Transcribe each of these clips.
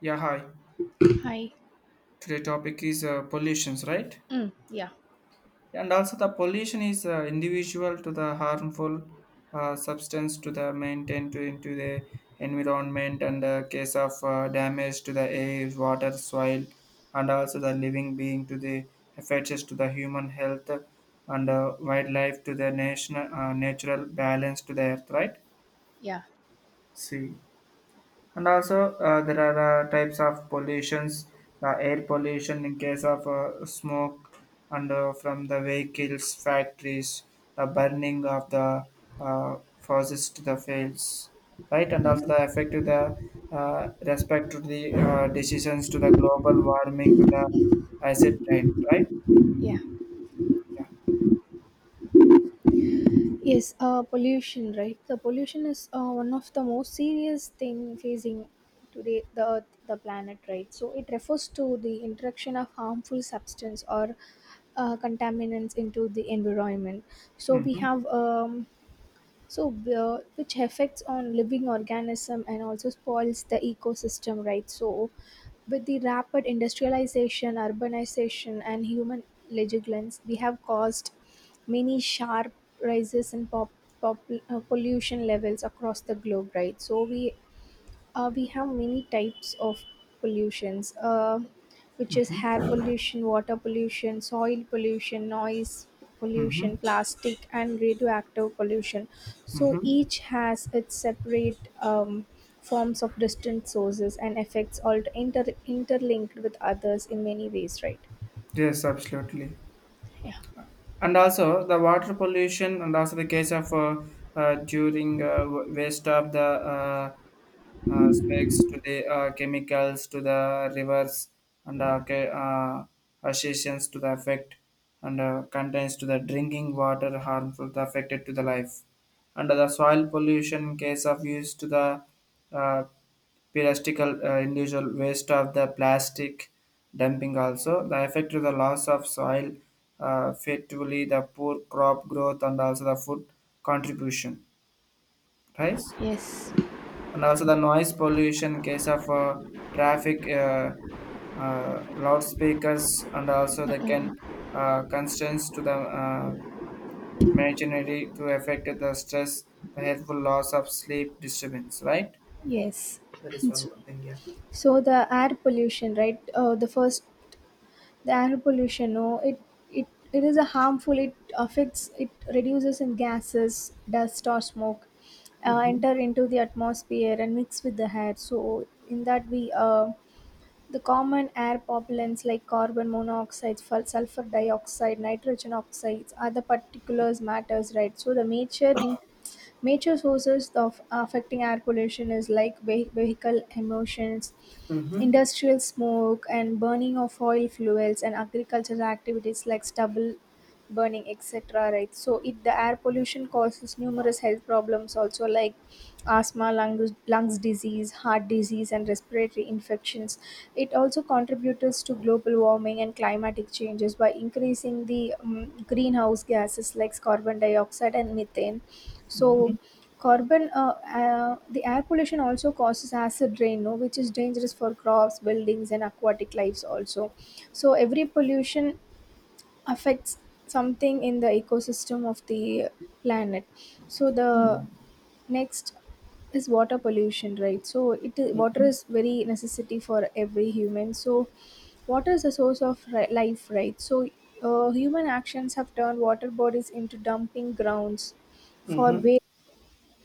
Yeah, hi. Hi. Today topic is pollutions, right? Mm, yeah. And also the pollution is individual to the harmful substance to the maintain to into the environment and the case of damage to the air, water, soil, and also the living being to the affects to the human health and wildlife to the national natural balance to the earth, right? Yeah. See. And also, there are types of pollutions, the air pollution in case of smoke and from the vehicles, factories, the burning of the forest to the fields, right? And also Mhm. the effect to the respect to the decisions to the global warming to the acid rain, right? Yeah. Yeah. Yes, pollution, right? The pollution is one of the most serious thing facing today the earth, the planet, right? So it refers to the interaction of harmful substance or contaminants into the environment. So we Mm-hmm. have so which affects on living organism and also spoils the ecosystem, right? So with the rapid industrialization, urbanization, and human legiglands, we have caused many sharp rises in pop, pollution levels across the globe, right? So we have many types of pollutions, which is air Mm-hmm. pollution, water pollution, soil pollution, noise Mm-hmm. pollution, plastic, and radioactive pollution. So Mm-hmm. each has its separate forms of distant sources and effects, all interlinked with others in many ways, right? Yes, absolutely. Yeah. And also the water pollution and also the case of during waste of the specs to the chemicals to the rivers and associations to the effect and contains to the drinking water harmful to affected to the life, and the soil pollution case of use to the uh, plastical individual waste of the plastic dumping, also the effect to the loss of soil effectively the poor crop growth and also the food contribution, right? Yes. And also the noise pollution in case of traffic loudspeakers and Mm, also the mm. can constraints to the uh, machinery to affect the stress, the helpful loss of sleep disturbance, right? Yes. That is one so, more thing. Yeah. so the air pollution, right? The first, the air pollution, no, it it is a harmful, it affects, it reduces in gases, dust, or smoke enter into the atmosphere and mix with the air. So in that we the common air pollens like carbon monoxide, sulfur dioxide, nitrogen oxides, other particulars matters, right? So the major sources of affecting air pollution is like vehicle emissions, industrial smoke, and burning of oil fuels and agricultural activities like stubble burning, etc. Right? So it, the air pollution causes numerous health problems also, like asthma, lungs disease, heart disease, and respiratory infections. It also contributes to global warming and climatic changes by increasing the greenhouse gases like carbon dioxide and methane. So, the air pollution also causes acid rain, no, which is dangerous for crops, buildings, and aquatic lives also. So every pollution affects something in the ecosystem of the planet. So the next is water pollution, right? So water is very necessity for every human. So water is a source of life, right? So human actions have turned water bodies into dumping grounds for Mm-hmm. waste.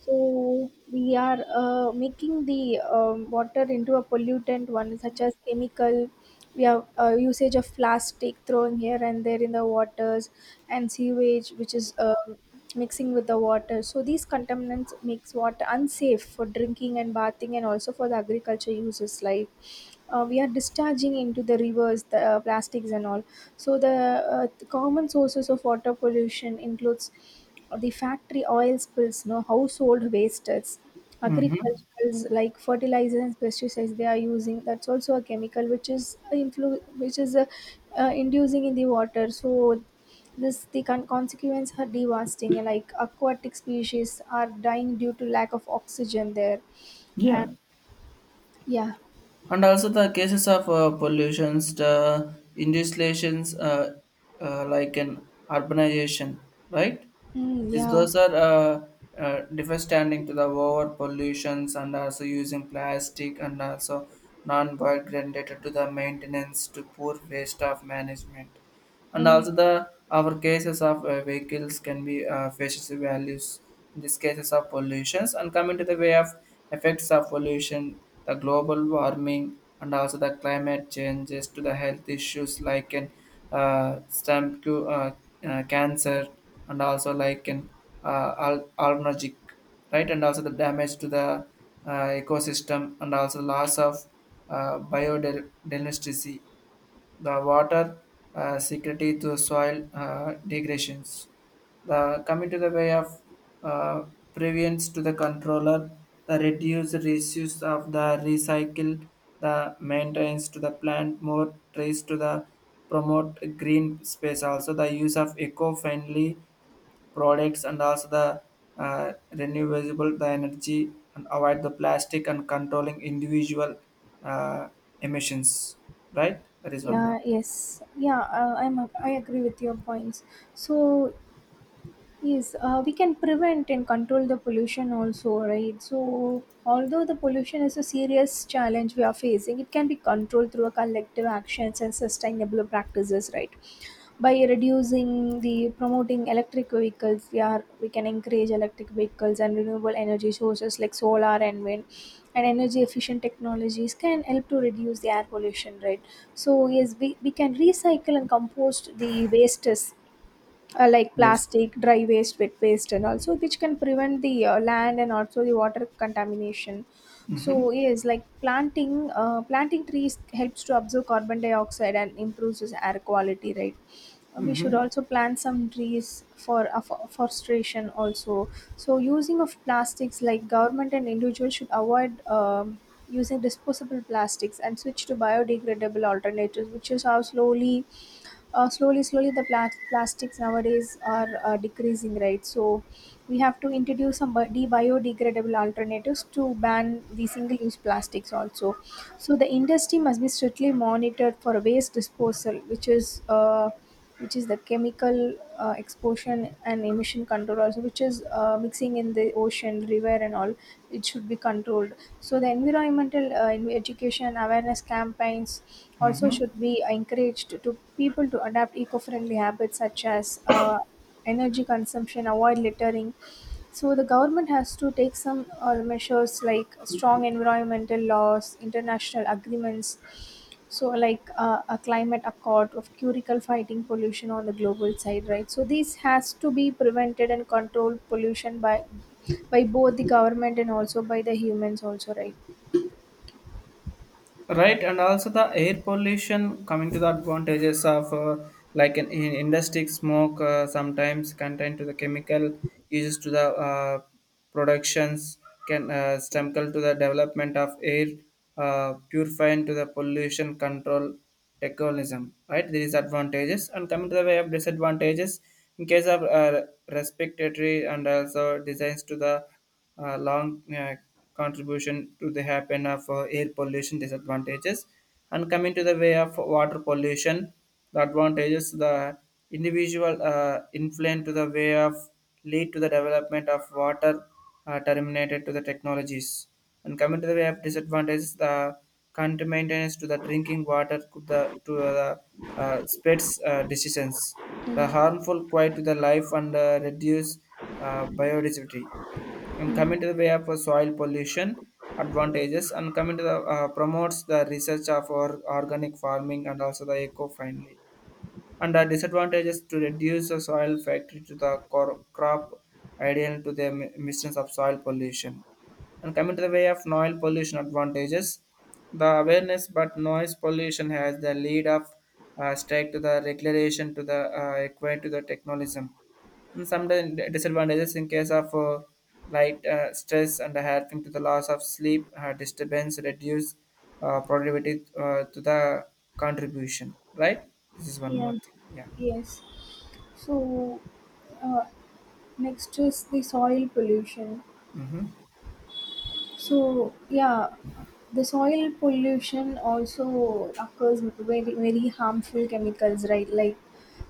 So we are making the water into a pollutant one, such as chemical. We have usage of plastic throwing here and there in the waters, and sewage, which is mixing with the water. So these contaminants makes water unsafe for drinking and bathing, and also for the agriculture uses, like we are discharging into the rivers the plastics and all. So the common sources of water pollution includes the factory oil spills, no, household wastes, Hmm. agriculturals like fertilizers and pesticides they are using, that's also a chemical which is inducing in the water. So this, the consequence are devastating, like aquatic species are dying due to lack of oxygen there. And Yeah, yeah. and also the cases of pollutions, the industrializations like an urbanization, right? Mm, Is yeah. those are devastating to the over pollutions and also using plastic and also non-biodegradable to the maintenance to poor waste of management, and Mm. also the our cases of vehicles can be faces values in these cases of pollutions. And coming to the way of effects of pollution, the global warming and also the climate changes to the health issues like in stem to cancer and also like in allergic, right? And also the damage to the ecosystem and also loss of biodiversity, the water security to soil degradations. The coming to the way of uh, prevents to the controller, the reduce reuse of the recycle, the maintenance to the plant, more trees to the promote green space. Also the use of eco-friendly products and also the renewable the energy and avoid the plastic and controlling individual uh, emissions. Right, that is one more. Yeah, yes, yeah, I agree with your points. So yes, we can prevent and control the pollution also, right? So although the pollution is a serious challenge we are facing, it can be controlled through a collective actions and sustainable practices, right? By reducing the, promoting electric vehicles, we can encourage electric vehicles and renewable energy sources like solar and wind and energy efficient technologies can help to reduce the air pollution, right? So yes, we can recycle and compost the wastes, like Yes. plastic dry waste, wet waste, and also which can prevent the land and also the water contamination. Mhm. So yes, like planting trees helps to absorb carbon dioxide and improves its air quality, right? We should Mhm. also plant some trees for forestation also. So using of plastics, like government and individuals should avoid using disposable plastics and switch to biodegradable alternatives, which is how slowly, slowly the plastics nowadays are decreasing, right? So we have to introduce some biodegradable alternatives to ban the single use plastics also. So the industry must be strictly monitored for waste disposal, which is the chemical exposure and emission control also, which is mixing in the ocean, river, and all. It should be controlled. So the environmental education awareness campaigns also Mhm. should be encouraged to people to adapt eco-friendly habits, such as energy consumption, avoid littering. So the government has to take some measures like strong environmental laws, international agreements. So like a climate accord of curical fighting pollution on the global side, right? So this has to be prevented and controlled pollution by both the government and also by the humans also, right? Right, and also the air pollution coming to the advantages of like an in industry smoke sometimes contain to the chemical uses to the productions can stemcle to the development of air purifying to the pollution control technologism. Right, there is advantages, and coming to the way of disadvantages in case of respiratory and also designs to the long contribution to the happen of air pollution disadvantages. And coming to the way of water pollution, the advantages, the individual influence to the way of lead to the development of water terminated to the technologies. And coming to the way of disadvantages, the current to the drinking water could the to the spreads decisions, the Mm-hmm. harmful quiet to the life and reduce biodiversity. And Mm-hmm. coming to the way of soil pollution advantages, and coming to the promotes the research of organic farming and also the eco-friendly, and the disadvantages to reduce the soil factory to the crop ideal to the emissions of soil pollution. And coming to the way of noise pollution advantages, the awareness, but noise pollution has the lead of strike to the regulation to the equate to the technolism, and sometimes disadvantages in case of light stress and helping to the loss of sleep disturbance, reduce productivity to the contribution, right? This is one Yeah, more thing. Yeah. yes. So, uh, next is the soil pollution. Mm-hmm. So yeah, the soil pollution also occurs with very, very harmful chemicals, right? Like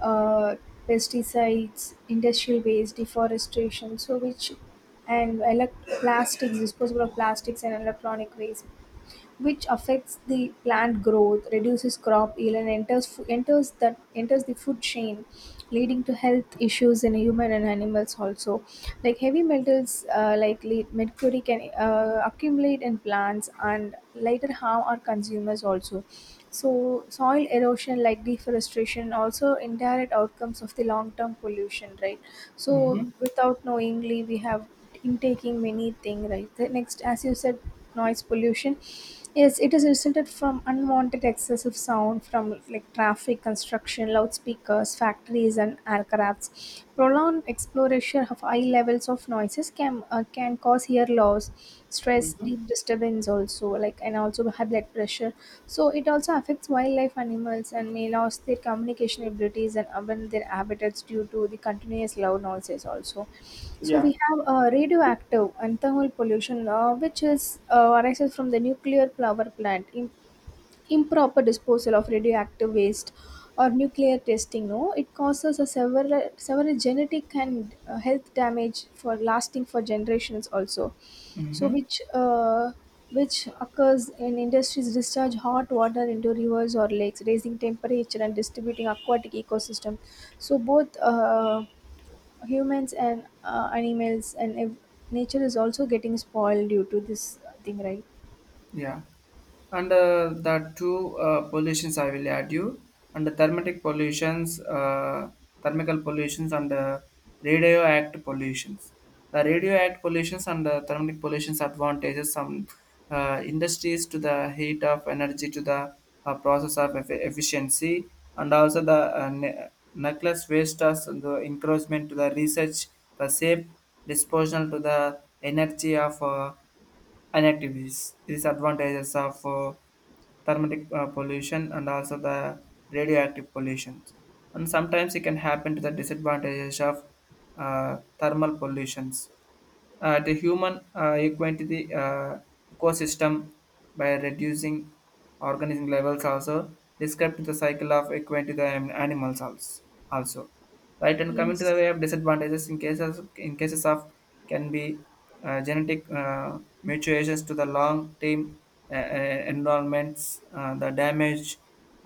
uh, pesticides, industrial waste, deforestation, so which, and plastics, disposable of plastics and electronic waste, which affects the plant growth, reduces crop yield, and enters fo- enters that enters the food chain, leading to health issues in human and animals also. Like heavy metals, like mercury, can accumulate in plants and later harm our consumers also. So soil erosion, like deforestation, also indirect outcomes of the long-term pollution, right? So without knowingly, we have intaking many things, right? The next, as you said, noise pollution. Yes, it is resulted from unwanted excessive sound from like traffic, construction, loudspeakers, factories, and aircrafts. Prolonged exploration of high levels of noises can, can cause ear loss, stress, deep disturbance also, like, and also high blood pressure. So it also affects wildlife animals and may lose their communication abilities and abandon their habitats due to the continuous loud noises also. So Yeah. we have radioactive and thermal pollution, which is arises from the nuclear power plant, improper disposal of radioactive waste, or nuclear testing, no, it causes a several genetic and health damage for lasting for generations also. So Mm-hmm. which occurs in industries discharge hot water into rivers or lakes, raising temperature and distributing aquatic ecosystem. So both, humans and animals and nature is also getting spoiled due to this thing, right? Yeah, and the two pollutions I will add you, and the thermatic pollutions thermical pollutions and radioactive pollutions. The radioactive pollutions and the thermic pollutions advantages, some industries to the heat of energy to the process of efficiency, and also the nucleus waste as the encouragement to the research, the safe disposal to the energy of and activities. These advantages of thermatic pollution and also the radioactive pollution. And sometimes it can happen to the disadvantages of thermal pollutions, the human equate the ecosystem by reducing organism levels also, describe the cycle of equate the animals also, right? And coming to the Yes. way of disadvantages, in cases of can be genetic mutations to the long term environments the damage,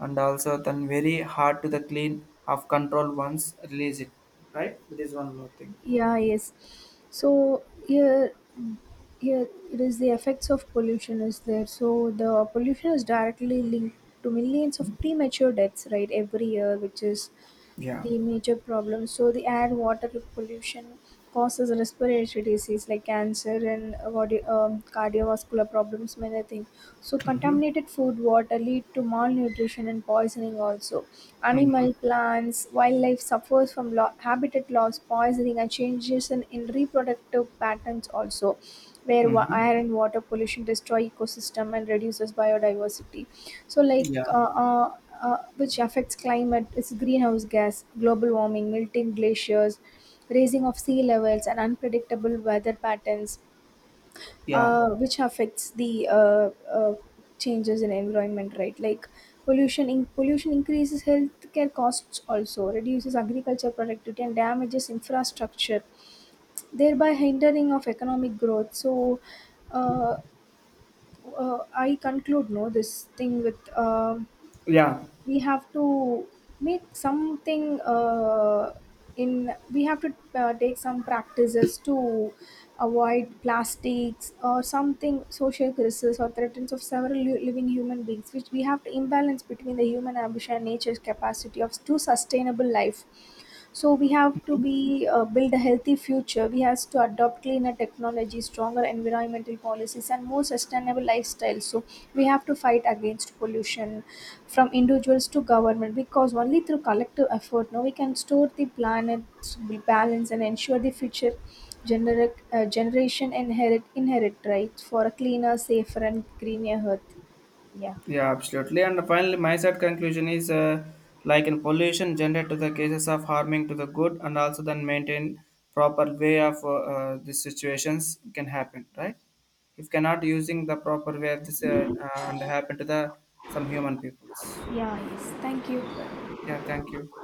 and also then very hard to the clean of control once release it, right? That is one more thing. Yeah, yes. So here, here it is the effects of pollution is there. So the pollution is directly linked to millions of premature deaths, right, every year, which is Yeah. the major problem. So the air, water pollution causes respiratory disease like cancer and cardiovascular problems, many things. So contaminated food, water lead to malnutrition and poisoning also. Animal, plants, wildlife suffers from habitat loss, poisoning, and changes in reproductive patterns also, where Mhm. air and water pollution destroy ecosystem and reduces biodiversity. So, like, Yeah, which affects climate is greenhouse gas, global warming, melting glaciers, raising of sea levels, and unpredictable weather patterns, yeah, which affects the changes in environment, right? Like pollution in pollution increases healthcare costs, also reduces agriculture productivity and damages infrastructure, thereby hindering of economic growth. So uh, I conclude, no, this thing with, yeah, we have to make something, in, we have to take some practices to avoid plastics or something, social crisis or threats of several living human beings, which we have to imbalance between the human ambition and nature's capacity of to sustainable life. So we have to be, build a healthy future, we have to adopt cleaner technology, stronger environmental policies, and more sustainable lifestyles. So we have to fight against pollution from individuals to government, because only through collective effort now we can store the planet's balance and ensure the future generation inherit rights for a cleaner, safer, and greener earth. Yeah. yeah, absolutely. And finally, my side conclusion is like in pollution gendered to the cases of harming to the good and also then maintain proper way of these situations can happen, right? If cannot using the proper way of this and happen to the some human peoples. Yeah, yes. Thank Right. you. Yeah, thank you.